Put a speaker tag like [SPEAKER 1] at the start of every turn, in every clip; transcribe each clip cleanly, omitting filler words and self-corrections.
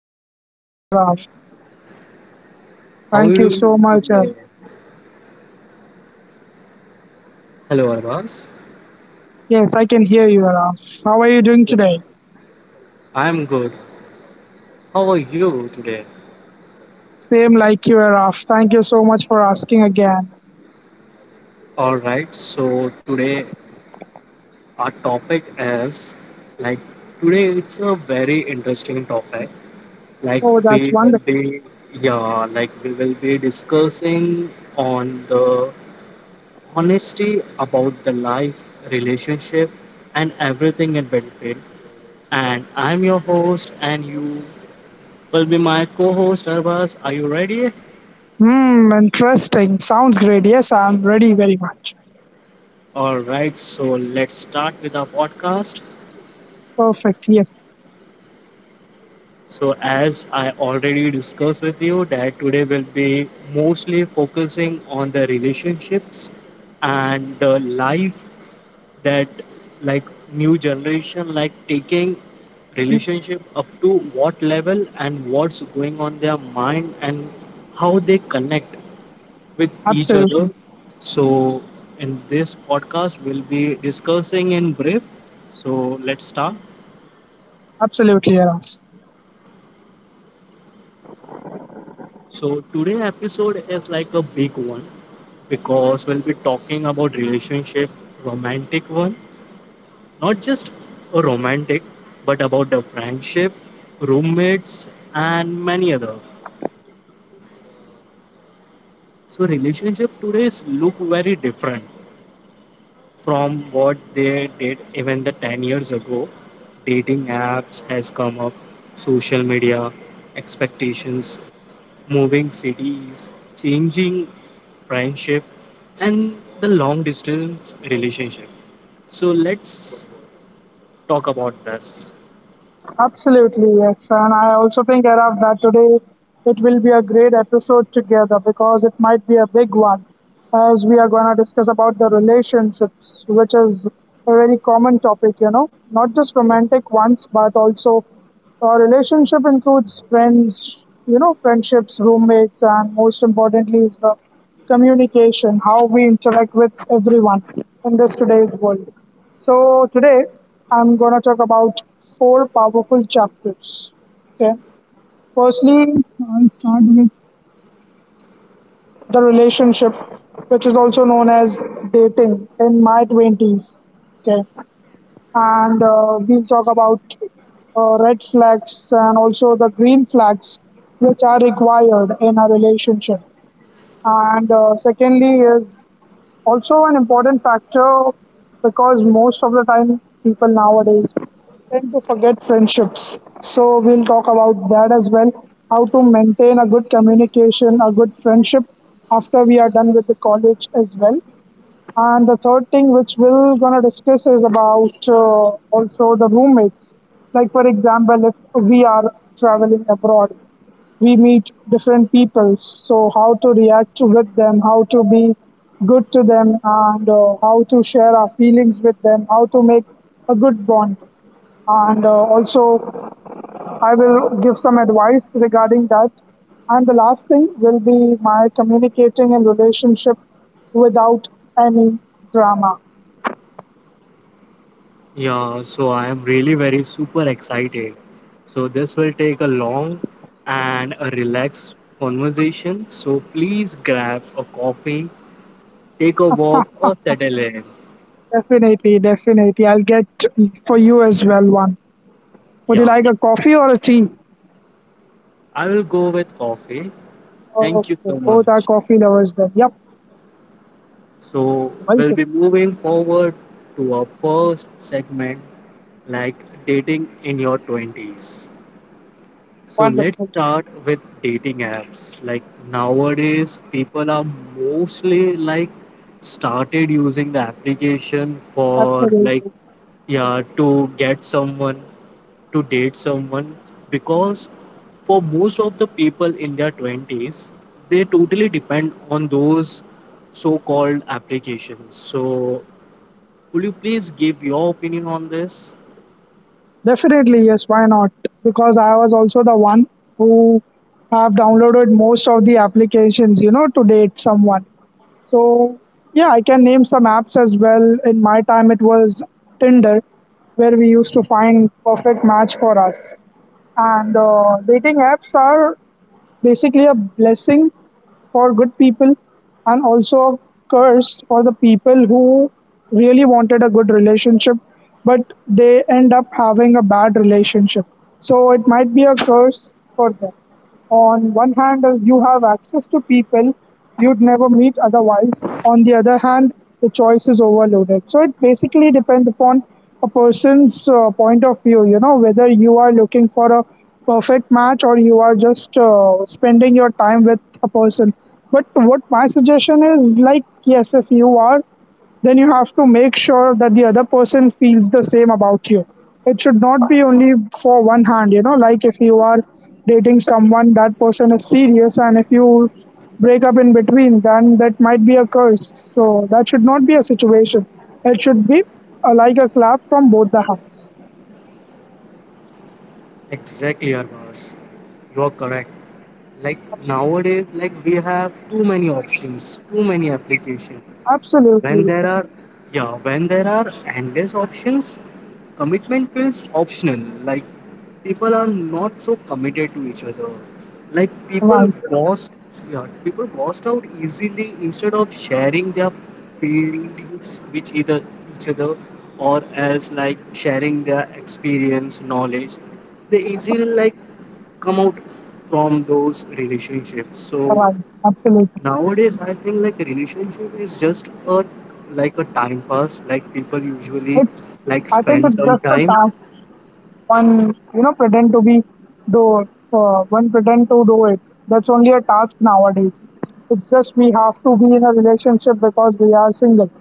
[SPEAKER 1] back to my
[SPEAKER 2] Yeah,
[SPEAKER 1] pod.
[SPEAKER 2] Raf.
[SPEAKER 1] How are
[SPEAKER 2] Thank
[SPEAKER 1] you
[SPEAKER 2] you so
[SPEAKER 1] doing
[SPEAKER 2] much.
[SPEAKER 1] today? Hello Arvas,
[SPEAKER 2] Yes, I can hear you, Raf. How are you doing today?
[SPEAKER 1] I'm good. How are you today?
[SPEAKER 2] Same like you, Raf. Thank you so much for asking again.
[SPEAKER 1] All right. So today our topic is like today it's a very interesting topic. Like
[SPEAKER 2] Oh, that's
[SPEAKER 1] we will
[SPEAKER 2] wonderful.
[SPEAKER 1] be yeah like we will be discussing on the honesty about the life, relationship, and everything in between. And I'm your host and you will be my co host, Arvas. Are you ready?
[SPEAKER 2] Hmm, interesting. Sounds great. Yes, I'm ready very much.
[SPEAKER 1] All right, so let's start with our podcast.
[SPEAKER 2] Perfect. Yes.
[SPEAKER 1] So, as I already discussed with you, that today will be mostly focusing on the relationships and the life that, like, new generation, taking
[SPEAKER 2] Mhm.
[SPEAKER 1] relationship up to what level and what's going on their mind and how they connect with each other.
[SPEAKER 2] Absolutely.
[SPEAKER 1] So, in this podcast, we'll be discussing in brief. So, let's start.
[SPEAKER 2] Absolutely, Raf.
[SPEAKER 1] So, today episode is like a big one because we'll be talking about relationship, romantic one, not just a romantic, but about the friendship, roommates, and many other. So, relationship today look very different from what they did even the 10 years ago. Dating apps has come up, social media, expectations, moving cities, changing friendship, and the long distance relationship. So let's talk about this.
[SPEAKER 2] Absolutely, yes. And I also think, Araf, that today it will be a great episode together because it might be a big one as we are going to discuss about the relationships, which is a very common topic, you know, not just romantic ones, but also our relationship includes friends, you know, friendships, roommates, and most importantly is the communication, how we interact with everyone in this today's world. So today I'm gonna talk about four powerful chapters. Okay. Firstly, I'll start with the relationship, which is also known as dating in my twenties. Okay. And we'll talk about red flags and also the green flags, which are required in a relationship. And secondly, is also an important factor because most of the time people nowadays tend to forget friendships. So we'll talk about that as well. How to maintain a good communication, a good friendship after we are done with the college as well. And the third thing which we're gonna discuss is about also the roommates. Like for example, if we are traveling abroad, we meet different people. So how to react with them, how to be good to them, and how to share our feelings with them, how to make a good bond, and also I will give some advice regarding that. And the last thing will be my communicating and relationship without any drama.
[SPEAKER 1] Yeah so I am really very super excited, so this will take a long and a relaxed conversation. So please grab a coffee, take a walk, or settle in.
[SPEAKER 2] Definitely, definitely. I'll get for you as well one. Would you
[SPEAKER 1] Yeah,
[SPEAKER 2] like a coffee or a tea?
[SPEAKER 1] I will go with coffee.
[SPEAKER 2] Okay,
[SPEAKER 1] Thank you so
[SPEAKER 2] both are
[SPEAKER 1] much.
[SPEAKER 2] coffee lovers then. Yep,
[SPEAKER 1] So, we'll be
[SPEAKER 2] welcome.
[SPEAKER 1] moving forward to our first segment, like dating in your 20s. So let's
[SPEAKER 2] Wonderful.
[SPEAKER 1] start with dating apps. Like nowadays, people are mostly started using the application for
[SPEAKER 2] Absolutely.
[SPEAKER 1] to get someone, to date someone, because for most of the people in their 20s they totally depend on those so-called applications. So would you please give your opinion on this?
[SPEAKER 2] Definitely, yes, why not? Because I was also the one who have downloaded most of the applications, you know, to date someone. So, yeah, I can name some apps as well. In my time, it was Tinder, where we used to find perfect match for us. And dating apps are basically a blessing for good people and also a curse for the people who really wanted a good relationship, but they end up having a bad relationship, so it might be a curse for them. On one hand, you have access to people you'd never meet otherwise. On the other hand, the choice is overloaded. So it basically depends upon a person's point of view, you know, whether you are looking for a perfect match or you are just spending your time with a person. But what my suggestion is, like, yes, if you are, then you have to make sure that the other person feels the same about you. It should not be only for one hand, you know, like, if you are dating someone, that person is serious, and if you break up in between, then that might be a curse, so that should not be a situation. It should be like a clap from both the hands.
[SPEAKER 1] Exactly, Arvas. You are correct. Like nowadays, like we have too many options, too many applications. When
[SPEAKER 2] Absolutely.
[SPEAKER 1] there are, yeah, when there are endless options, commitment feels optional. Like people are not so committed to each other. Like people
[SPEAKER 2] Right.
[SPEAKER 1] ghost, yeah, people ghost out easily instead of sharing their feelings with either each other, or as like sharing their experience, knowledge. They easily come out from those relationships. So
[SPEAKER 2] Right. Absolutely.
[SPEAKER 1] nowadays, I think relationship is just a time pass. Like people usually
[SPEAKER 2] It's, I think
[SPEAKER 1] spend
[SPEAKER 2] it's
[SPEAKER 1] some
[SPEAKER 2] just a
[SPEAKER 1] time.
[SPEAKER 2] task. One, you know, pretend to be, do, one pretend to do it. That's only a task nowadays. It's just we have to be in a relationship because we are single.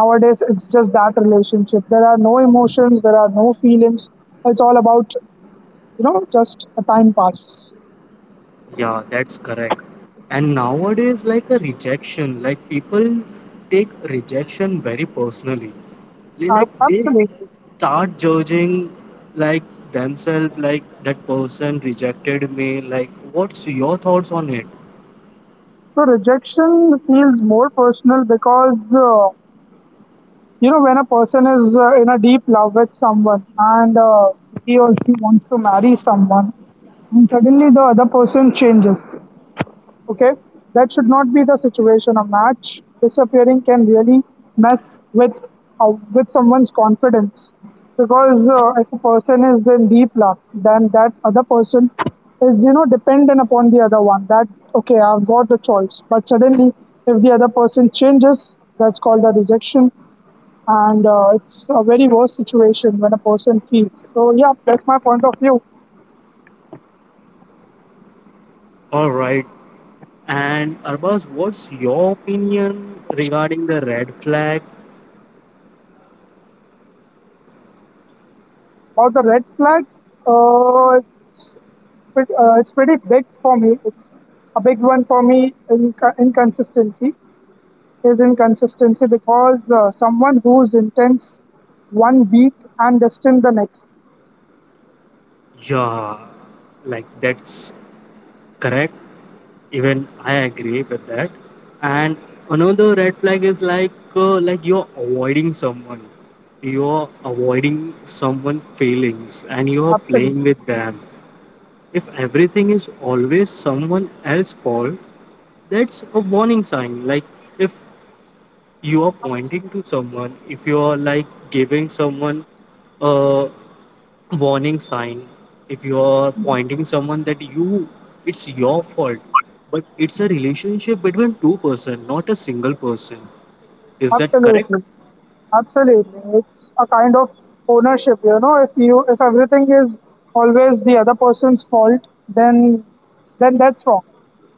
[SPEAKER 2] Nowadays it's just that relationship. There are no emotions, there are no feelings. It's all about, you know, just a time pass.
[SPEAKER 1] Yeah, that's correct. And nowadays, a rejection, like people take rejection very personally. They like they
[SPEAKER 2] Absolutely.
[SPEAKER 1] start judging like themselves, like that person rejected me. Like, what's your thoughts on it?
[SPEAKER 2] So rejection feels more personal because uh, you know, when a person is in a deep love with someone and he or she wants to marry someone and suddenly the other person changes. Okay, that should not be the situation. A match disappearing can really mess with someone's confidence, because if a person is in deep love, then that other person is, you know, dependent upon the other one. That, okay, I've got the choice, but suddenly if the other person changes, that's called a rejection. And it's a very worse situation when a person feels. So yeah, that's my point of view.
[SPEAKER 1] All right. And Arbaz, what's your opinion regarding the red flag?
[SPEAKER 2] About the red flag. Uh, it's it's pretty big for me. It's a big one for me. In inconsistency is inconsistency because someone who's intense 1 week and distant the next.
[SPEAKER 1] Yeah, that's correct. Even I agree with that. And another red flag is like you're avoiding someone. You're avoiding someone feelings and you're
[SPEAKER 2] Absolutely,
[SPEAKER 1] playing with them. If everything is always someone else's fault, that's a warning sign. Like if you are pointing to someone, if you are giving someone a warning sign, if you are pointing someone that you it's your fault, but it's a relationship between two-person, not a single person. Is that correct?
[SPEAKER 2] absolutely. Absolutely. It's a kind of ownership, you know, if you, if everything is always the other person's fault, then that's wrong.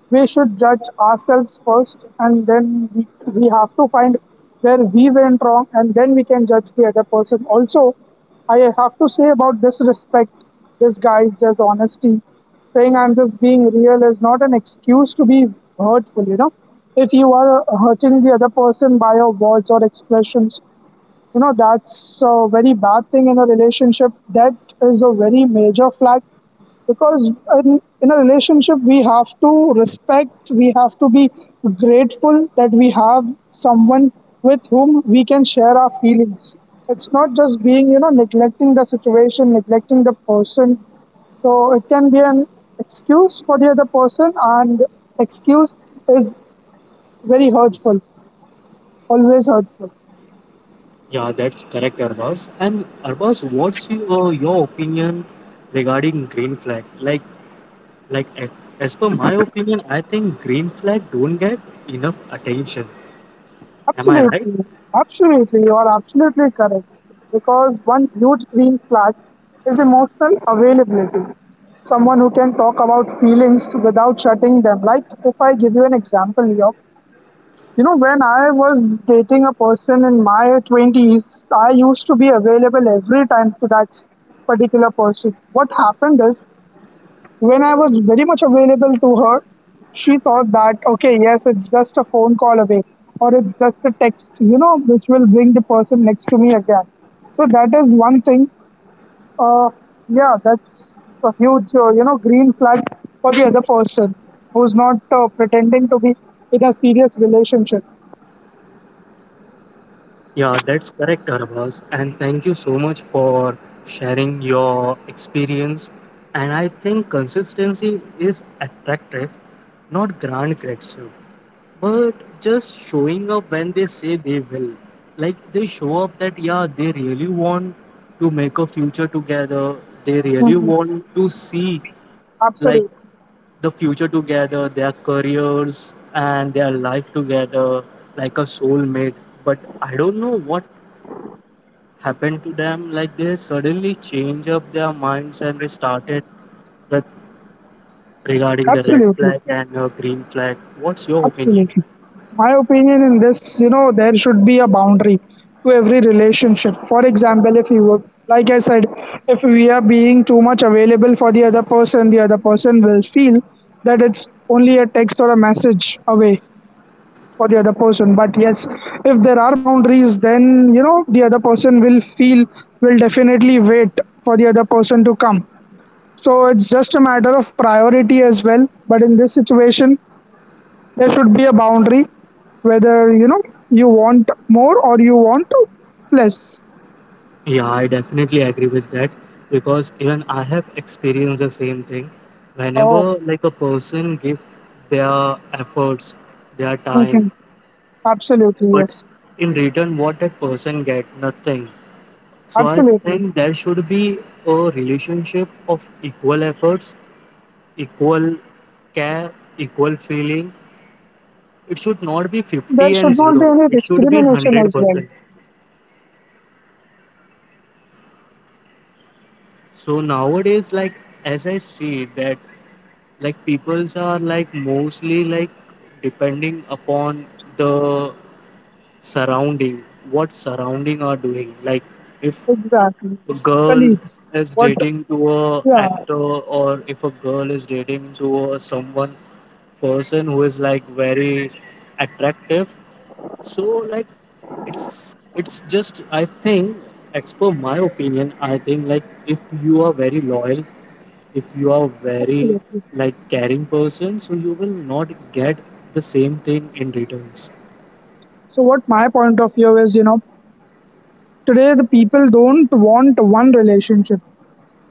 [SPEAKER 2] We should judge ourselves first, and then we have to find where we went wrong, and then we can judge the other person. Also, I have to say about disrespect, disguise, dishonesty. Saying I'm just being real is not an excuse to be hurtful, you know. If you are hurting the other person by your words or expressions, you know that's a very bad thing in a relationship. That is a very major flag, because in a relationship we have to respect, we have to be grateful that we have someone with whom we can share our feelings. It's not just being, you know, neglecting the situation, neglecting the person. So it can be an excuse for the other person, and excuse is very hurtful, always hurtful.
[SPEAKER 1] Yeah, that's correct, Arbaz. And Arbaz, what's your opinion regarding green flag? Like a- as per my opinion, I think green flag don't get enough attention. Am I right?
[SPEAKER 2] Absolutely, absolutely, you are absolutely correct. Because one huge green flag is emotional availability. Someone who can talk about feelings without shutting them. Like if I give you an example, York, you know, when I was dating a person in my 20s, I used to be available every time to that particular person. What happened is, when I was very much available to her, she thought that, okay, yes, it's just a phone call away or it's just a text, you know, which will bring the person next to me again. So that is one thing. Uh, yeah, that's a huge, you know, green flag for the other person who's not pretending to be in a serious relationship.
[SPEAKER 1] Yeah, that's correct, Arbaz. And thank you so much for sharing your experience. And I think consistency is attractive, not grand gratitude, but just showing up when they say they will. Like they show up that, yeah, they really want to make a future together, they really
[SPEAKER 2] Mhm.
[SPEAKER 1] want to see like
[SPEAKER 2] Absolutely.
[SPEAKER 1] the future together, their careers and their life together, like a soulmate. But I don't know what happened to them. Like they suddenly changed up their minds and they started with regarding the red
[SPEAKER 2] Absolutely.
[SPEAKER 1] flag and green flag. What's your opinion?
[SPEAKER 2] Absolutely. My opinion in this, you know, there should be a boundary to every relationship. For example, if you were, like I said, if we are being too much available for the other person will feel that it's only a text or a message away for the other person. But yes, if there are boundaries, then, you know, the other person will feel, will definitely wait for the other person to come. So it's just a matter of priority as well. But in this situation, there should be a boundary, whether, you know, you want more or you want less.
[SPEAKER 1] Yeah, I definitely agree with that because even I have experienced the same thing.
[SPEAKER 2] Oh,
[SPEAKER 1] Whenever a person give their efforts, their time,
[SPEAKER 2] okay. Absolutely,
[SPEAKER 1] but
[SPEAKER 2] yes.
[SPEAKER 1] in return what that person get, nothing. So I
[SPEAKER 2] Absolutely.
[SPEAKER 1] think there should be a relationship of equal efforts, equal care, equal feeling. It should not be
[SPEAKER 2] There
[SPEAKER 1] 50 and
[SPEAKER 2] should not be
[SPEAKER 1] 0
[SPEAKER 2] any
[SPEAKER 1] it should be
[SPEAKER 2] discrimination as well.
[SPEAKER 1] 100%. So nowadays, as I see that, peoples are mostly depending upon the surrounding, what surrounding are doing. Like if
[SPEAKER 2] Exactly.
[SPEAKER 1] a girl
[SPEAKER 2] Colleagues.
[SPEAKER 1] is
[SPEAKER 2] What.
[SPEAKER 1] dating to a
[SPEAKER 2] Yeah,
[SPEAKER 1] actor, or if a girl is dating to a someone person who is like very attractive. So like it's just I think, as per my opinion, I think if you are very loyal, if you are very
[SPEAKER 2] absolutely.
[SPEAKER 1] caring person, so you will not get the same thing in returns.
[SPEAKER 2] So what my point of view is, you know, today the people don't want one relationship.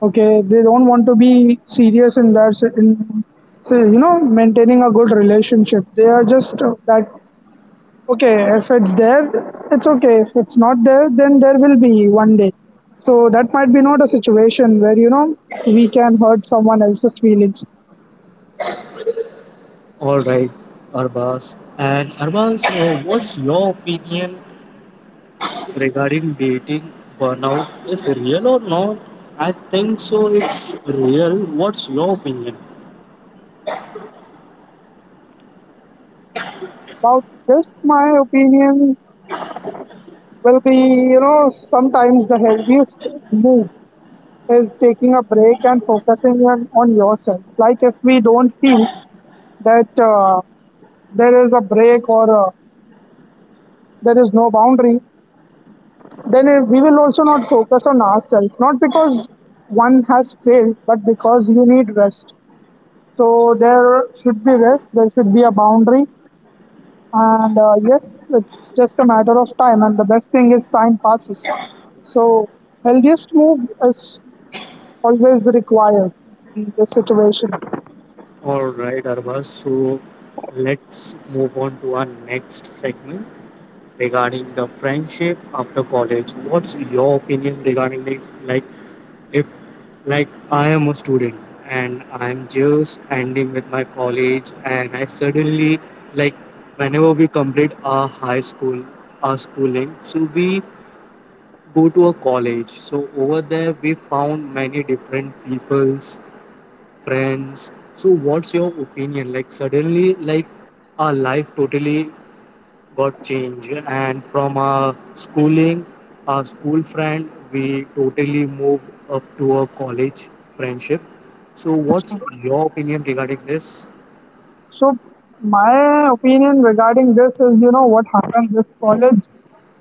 [SPEAKER 2] Okay, they don't want to be serious in that. In so, you know, maintaining a good relationship, they are just that, okay, if it's there, it's okay. If it's not there, then there will be one day. So that might be not a situation where, you know, we can hurt someone else's feelings.
[SPEAKER 1] All right, Arbas. And Arbas, what's your opinion regarding dating burnout, is real or not? I think so, it's real. What's your opinion?
[SPEAKER 2] About this, my opinion will be, you know, sometimes the healthiest move is taking a break and focusing on yourself. Like if we don't feel that there is a break, or there is no boundary, then we will also not focus on ourselves. Not because one has failed, but because you need rest. So there should be rest, there should be a boundary, and yes, it's just a matter of time. And the best thing is time passes. So healthiest move is always required in this situation.
[SPEAKER 1] All right, Arba. So let's move on to our next segment regarding the friendship after college. What's your opinion regarding this? Like, if I am a student and I'm just ending with my college, and I suddenly like whenever we complete our high school, our schooling, so we go to a college. So over there, we found many different peoples, friends. So what's your opinion? Like suddenly, our life totally got changed, and from our schooling, our school friend, we totally moved up to a college friendship. So what's your opinion regarding this?
[SPEAKER 2] So my opinion regarding this is, you know, what happened this college,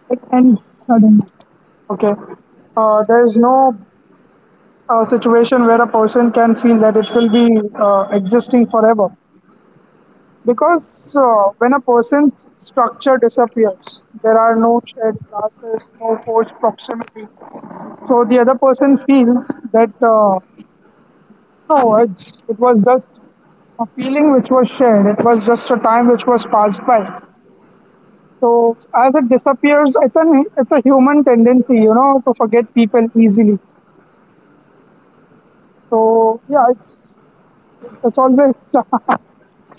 [SPEAKER 2] it ends suddenly. Okay. There's no a situation where a person can feel that it will be existing forever. Because when a person's structure disappears, there are no shared classes, no forced proximity. So the other person feels that no, it was just a feeling which was shared. It was just a time which was passed by. So as it disappears, it's an it's a human tendency, you know, to forget people easily. So yeah, it's always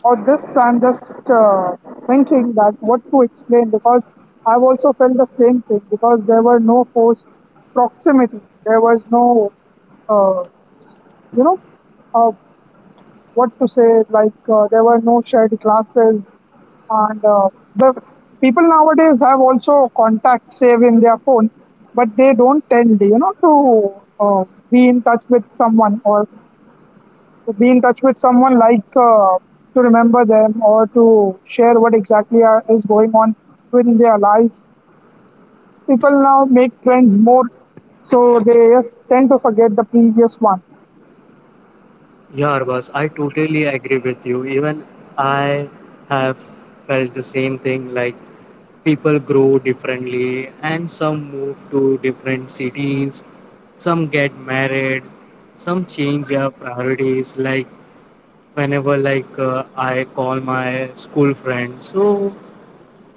[SPEAKER 2] about this. I'm just thinking that what to explain, because I've also felt the same thing because there were no forced proximity. There was no, uh, you know, uh, what to say, like there were no shared classes. And the people nowadays have also contacts saved in their phone, but they don't tend, you know, to uh, be in touch with someone or to be in touch with someone to remember them or to share what exactly is going on in their lives. People now make friends more, so they just tend to forget the previous one.
[SPEAKER 1] Yeah, Arbaz, I totally agree with you. Even I have felt the same thing. Like people grow differently and some move to different cities, some get married, some change their priorities. Like whenever I call my school friend, so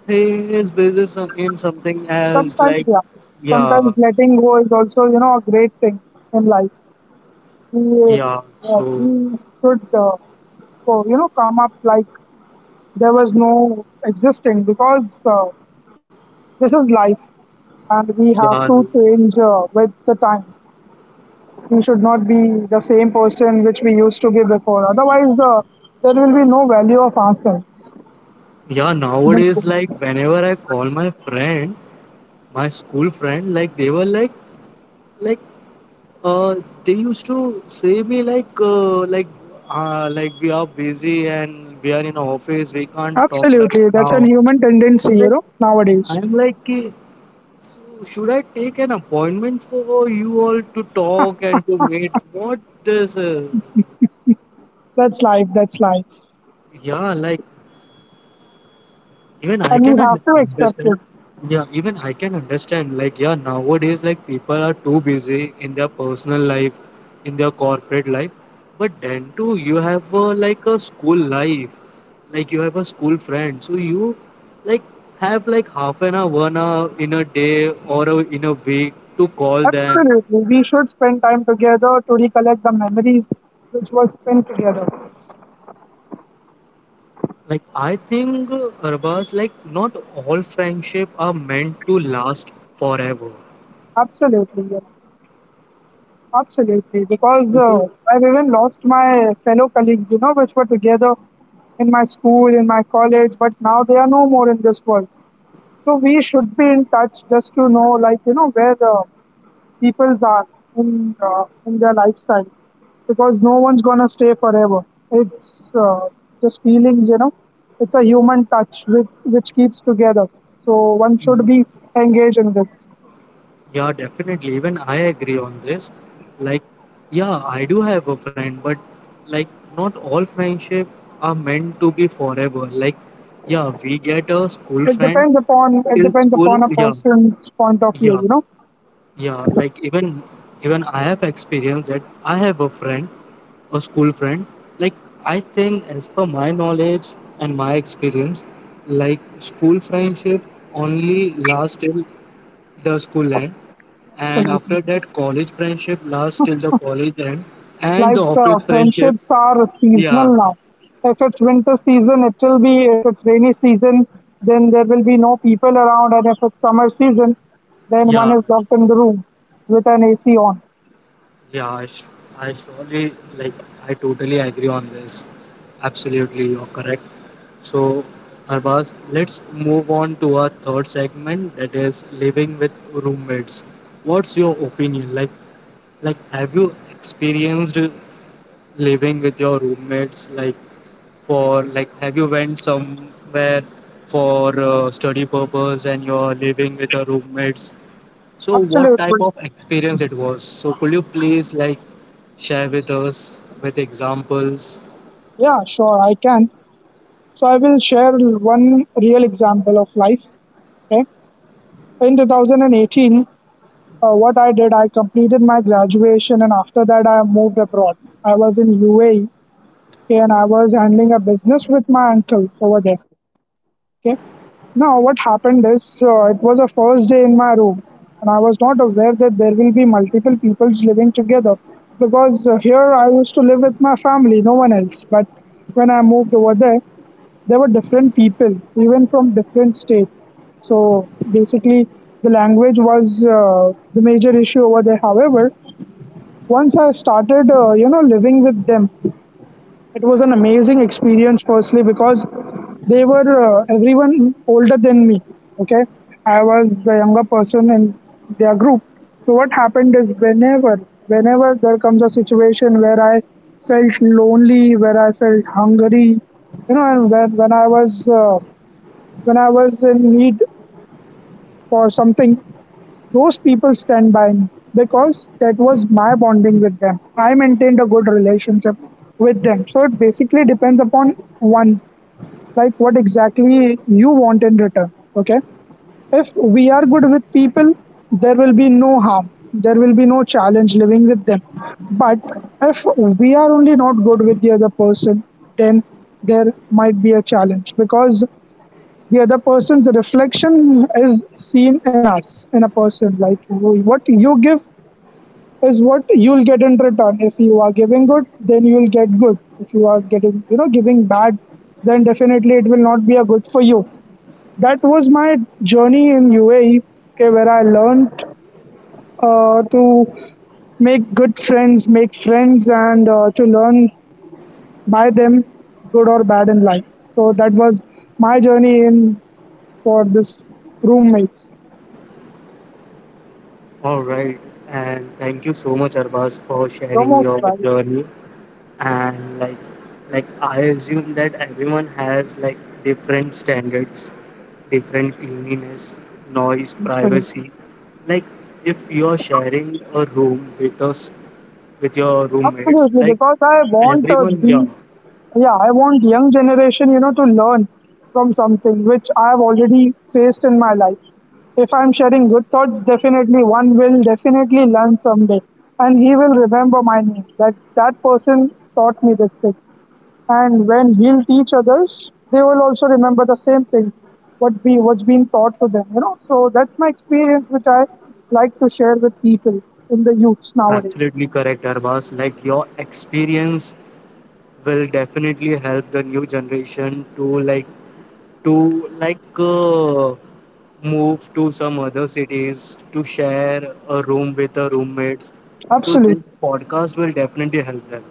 [SPEAKER 1] he is busy in something else.
[SPEAKER 2] Sometimes,
[SPEAKER 1] Like
[SPEAKER 2] yeah,
[SPEAKER 1] yeah
[SPEAKER 2] sometimes letting go is also, you know, a great thing in life. we, uh,
[SPEAKER 1] yeah
[SPEAKER 2] yeah,
[SPEAKER 1] so
[SPEAKER 2] we should, so, you know, come up like there was no existing because this is life, and we have
[SPEAKER 1] yeah
[SPEAKER 2] to change with the time. We should not be the same person which we used to be before. Otherwise, there will be no value of ourselves.
[SPEAKER 1] yeah nowadays,
[SPEAKER 2] That's-
[SPEAKER 1] whenever I call my friend, my school friend, like Uh, they used to say me like we are busy and we are in a office, we can't talk right
[SPEAKER 2] Absolutely, that's
[SPEAKER 1] now.
[SPEAKER 2] a human
[SPEAKER 1] So
[SPEAKER 2] tendency, you know, nowadays.
[SPEAKER 1] I'm like, so should I take an appointment for you all to talk and to meet, what this is?"
[SPEAKER 2] That's life, that's life.
[SPEAKER 1] yeah like Even I
[SPEAKER 2] And we
[SPEAKER 1] can
[SPEAKER 2] have
[SPEAKER 1] un-
[SPEAKER 2] to accept
[SPEAKER 1] understand.
[SPEAKER 2] it.
[SPEAKER 1] Yeah, even I can understand. Like, yeah, nowadays, people are too busy in their personal life, in their corporate life. But then too, you have like a school life, like you have a school friend. So you like have like 1/2 hour, 1 hour in a day, or a, in a week to call them.
[SPEAKER 2] Absolutely, we should spend time together to recollect the memories which were spent together.
[SPEAKER 1] Like, I think, Arbaz, not all friendship are meant to last forever.
[SPEAKER 2] Absolutely, yes. Absolutely, because
[SPEAKER 1] Because
[SPEAKER 2] I've even lost my fellow colleagues, you know, which were together in my school, in my college, but now they are no more in this world. So we should be in touch just to know, like, you know, where the peoples are in their lifestyle, because no one's gonna stay forever. It's just feelings, you know. It's a human touch with, which keeps together. So one should be engaged in this.
[SPEAKER 1] yeah, definitely. Even I agree on this. Like, yeah, I do have a friend, but like, not all friendship are meant to be forever. Like, yeah, we get a school
[SPEAKER 2] It
[SPEAKER 1] friend
[SPEAKER 2] depends upon it
[SPEAKER 1] till
[SPEAKER 2] depends
[SPEAKER 1] school.
[SPEAKER 2] upon a
[SPEAKER 1] Yeah,
[SPEAKER 2] person's point of view,
[SPEAKER 1] yeah.
[SPEAKER 2] you know.
[SPEAKER 1] Yeah, like even I have experienced that I have a friend, a school friend. Like I think as per my knowledge and my experience, school friendship only lasts till the school end, and
[SPEAKER 2] Absolutely.
[SPEAKER 1] after that, college friendship lasts till the college end, and the office friendship.
[SPEAKER 2] Friendships are seasonal
[SPEAKER 1] Yeah,
[SPEAKER 2] now. If it's winter season, it will be. If it's rainy season, then there will be no people around. And if it's summer season, then one
[SPEAKER 1] yeah.
[SPEAKER 2] is locked in the room with an AC on.
[SPEAKER 1] Yeah, I surely I totally agree on this. Absolutely, you're correct. So, Harbaz, let's move on to our third segment, that is living with roommates. What's your opinion? Like, have you experienced living with your roommates? Like, for have you went somewhere for study purpose and you're living with a roommates? So what type
[SPEAKER 2] Absolutely.
[SPEAKER 1] of experience it was? So could you please share with us with examples?
[SPEAKER 2] Yeah, sure, I can. So I will share one real example of life. Okay. In 2018, what I did, I completed my graduation and after that, I moved abroad. I was in UAE, okay, and I was handling a business with my uncle over there. Okay. Now, what happened is it was the first day in my room, and I was not aware that there will be multiple peoples living together because here I used to live with my family, no one else. But when I moved over there, there were different people, even from different states. So basically, the language was the major issue over there. However, once I started, you know, living with them, it was an amazing experience, firstly, because they were everyone older than me. Okay, I was the younger person in their group. So what happened is whenever there comes a situation where I felt lonely, where I felt hungry, you know, and when I was when I was in need for something, those people stand by me because that was my bonding with them. I maintained a good relationship with them. So it basically depends upon one, like what exactly you want in return. Okay. If we are good with people, there will be no harm. There will be no challenge living with them. But if we are only not good with the other person, then there might be a challenge because the other person's reflection is seen in us in a person, like what you give is what you'll get in return. If you are giving good, then you'll get good. If you are getting, you know, giving bad, then definitely it will not be a good for you. That was my journey in UAE, okay, where I learned to make good friends, make friends, and to learn by them, good or bad in life. So that was my journey in for this roommates.
[SPEAKER 1] All right, and thank you so much, Arbaz, for
[SPEAKER 2] You're
[SPEAKER 1] sharing
[SPEAKER 2] most
[SPEAKER 1] your
[SPEAKER 2] right.
[SPEAKER 1] journey. And I assume that everyone has different standards, different cleanliness, noise,
[SPEAKER 2] Absolutely.
[SPEAKER 1] privacy. Like, if you're sharing a room with us, with your roommates,
[SPEAKER 2] Absolutely.
[SPEAKER 1] like
[SPEAKER 2] Because I want
[SPEAKER 1] everyone, yeah,
[SPEAKER 2] the yeah, I want young generation, you know, to learn from something which I have already faced in my life. If I'm sharing good thoughts, definitely one will definitely learn someday, and he will remember my name. That person taught me this thing. And when we'll teach others, they will also remember the same thing what's being taught to them, you know. So that's my experience which I like to share with people in the youths nowadays.
[SPEAKER 1] Absolutely correct, Arbas. Like your experience will definitely help the new generation to move to some other cities to share a room with the roommates. So
[SPEAKER 2] Absolutely.
[SPEAKER 1] this podcast will definitely help them.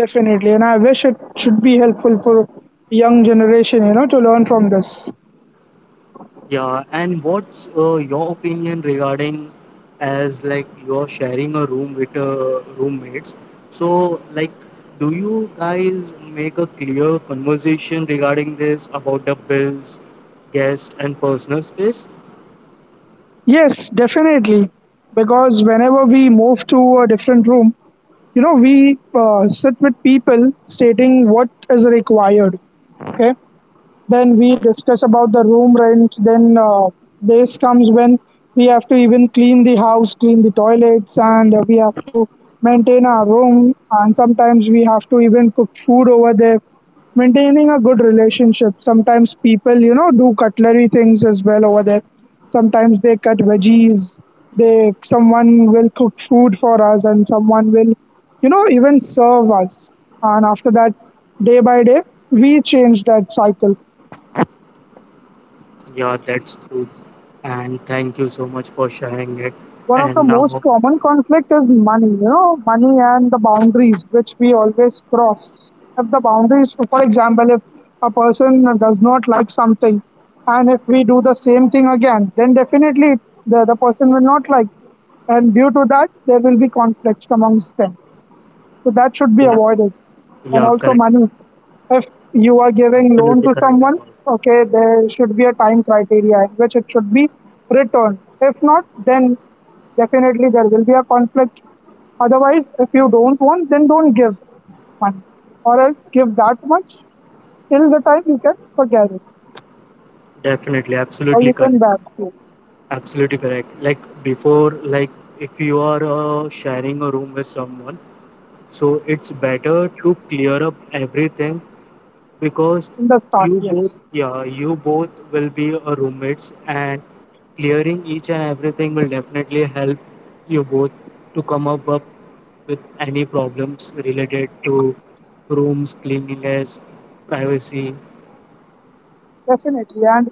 [SPEAKER 2] Definitely, and I wish it should be helpful for young generation, you know, to learn from this.
[SPEAKER 1] Yeah, and what's your opinion regarding, as like you're sharing a room with roommates? So, like, do you guys make a clear conversation regarding this, about the bills, guest, and personal space?
[SPEAKER 2] Yes, definitely. Because whenever we move to a different room, you know, we sit with people stating what is required. Okay. Then we discuss about the room rent. Then days comes when we have to even clean the house, clean the toilets, and we have to maintain our room. And sometimes we have to even cook food over there. Maintaining a good relationship. Sometimes people, you know, do cutlery things as well over there. Sometimes they cut veggies. They someone will cook food for us, and someone will, you know, even serve us. And after that, day by day, we change that cycle.
[SPEAKER 1] Yeah, that's true. And thank you so much for sharing it.
[SPEAKER 2] One of the
[SPEAKER 1] And
[SPEAKER 2] most
[SPEAKER 1] now,
[SPEAKER 2] common conflict is money, you know, money and the boundaries which we always cross. If the boundaries, for example, if a person does not like something, and if we do the same thing again, then definitely the person will not like, and due to that there will be conflicts amongst them, so that should be
[SPEAKER 1] yeah,
[SPEAKER 2] avoided. And
[SPEAKER 1] yeah,
[SPEAKER 2] also
[SPEAKER 1] correct.
[SPEAKER 2] money. If you are giving loan
[SPEAKER 1] Absolutely
[SPEAKER 2] to
[SPEAKER 1] correct,
[SPEAKER 2] someone,
[SPEAKER 1] Anmol.
[SPEAKER 2] okay, there should be a time criteria in which it should be returned. If not, then definitely there will be a conflict. Otherwise, if you don't want, then don't give money. Or else give that much till the time you can forget it.
[SPEAKER 1] Definitely,
[SPEAKER 2] Or
[SPEAKER 1] absolutely
[SPEAKER 2] you
[SPEAKER 1] correct.
[SPEAKER 2] can balance it
[SPEAKER 1] Absolutely correct. Like before, if you are sharing a room with someone, so it's better to clear up everything because
[SPEAKER 2] in the start,
[SPEAKER 1] you both,
[SPEAKER 2] yes.
[SPEAKER 1] yeah, you both will be roommates, and clearing each and everything will definitely help you both to come up, with any problems related to rooms, cleanliness, privacy.
[SPEAKER 2] Definitely. And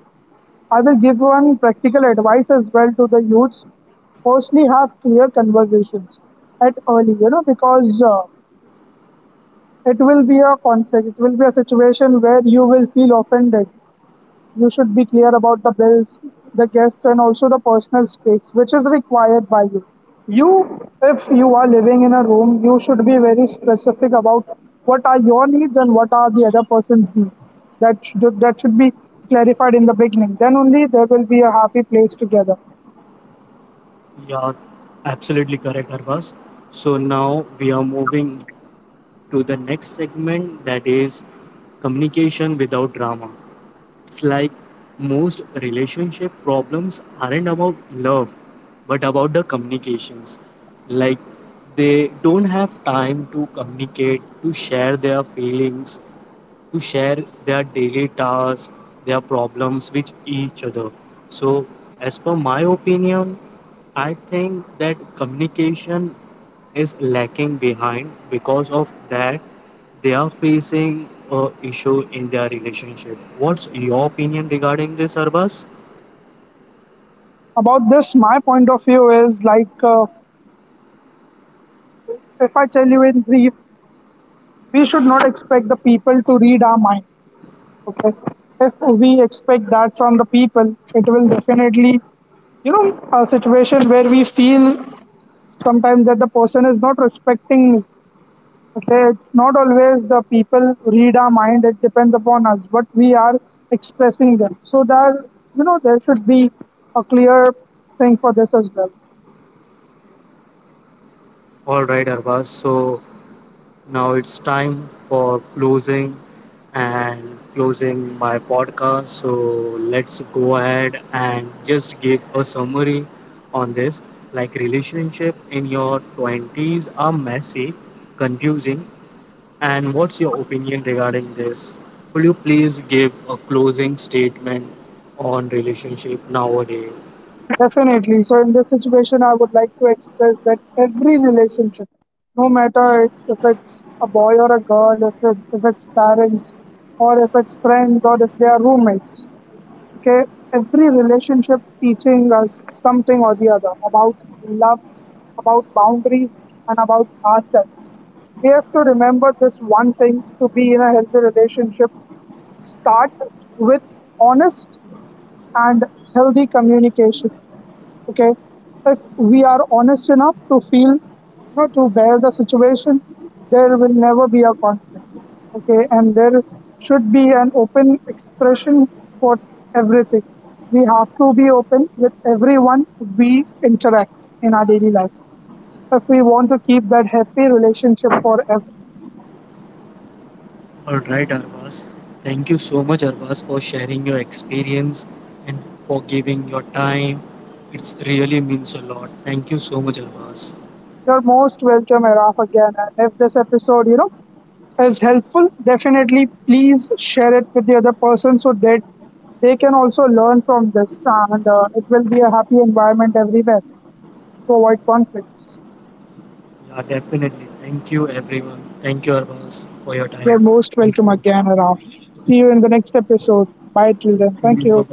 [SPEAKER 2] I will give one practical advice as well to the youths. Firstly, have clear conversations at early, you know, because it will be a conflict. It will be a situation where you will feel offended. You should be clear about the bills, the guests, and also the personal space which is required by you. You, if you are living in a room, you should be very specific about what are your needs and what are the other person's needs. That should be clarified in the beginning. Then only there will be a happy place together.
[SPEAKER 1] Yeah, absolutely correct, Arvas. So now we are moving to the next segment, that is communication without drama. It's like most relationship problems aren't about love but about the communications. Like they don't have time to communicate, to share their feelings, to share their daily tasks, their problems with each other. So, as per my opinion, I think that communication is lacking behind, because of that they are facing a issue in their relationship. What's your opinion regarding this, Arbas?
[SPEAKER 2] About this, my point of view is if I tell you in brief, we should not expect the people to read our mind. Okay. If we expect that from the people, it will definitely, you know, a situation where we feel sometimes that the person is not respecting me. Okay, it's not always the people read our mind, it depends upon us, what we are expressing them. So that, you know, there should be a clear thing for this as well.
[SPEAKER 1] All right, Arbas. So now it's time for closing and closing my podcast. So let's go ahead and just give a summary on this. Like relationship in your 20s are messy, confusing. And what's your opinion regarding this? Will you please give a closing statement on relationship nowadays?
[SPEAKER 2] Definitely. So, in this situation, I would like to express that every relationship, no matter if it's a boy or a girl, if it's parents, or if it's friends, or if they are roommates, okay, every relationship teaching us something or the other about love, about boundaries, and about ourselves. We have to remember this one thing: to be in a healthy relationship, start with honest and healthy communication. Okay, if we are honest enough to feel, you know, to bear the situation, there will never be a conflict. Okay, and there should be an open expression for everything. We have to be open with everyone we interact in our daily lives if we want to keep that happy relationship forever.
[SPEAKER 1] All right, Arvas. Thank you so much, Arvas, for sharing your experience and for giving your time. It really means a lot. Thank you so much, Arvas.
[SPEAKER 2] You're most welcome, Araf, again. And if this episode, you know, as helpful, definitely please share it with the other person so that they can also learn from this, and it will be a happy environment everywhere to avoid conflicts.
[SPEAKER 1] Yeah, definitely. Thank you, everyone. Thank you, Arvas, for your time. Thank
[SPEAKER 2] You're
[SPEAKER 1] you.
[SPEAKER 2] most welcome again, Araf. See you in the next episode.
[SPEAKER 1] Yeah,
[SPEAKER 2] Bye
[SPEAKER 1] see you.
[SPEAKER 2] till then. Thank you.
[SPEAKER 1] Bye-bye.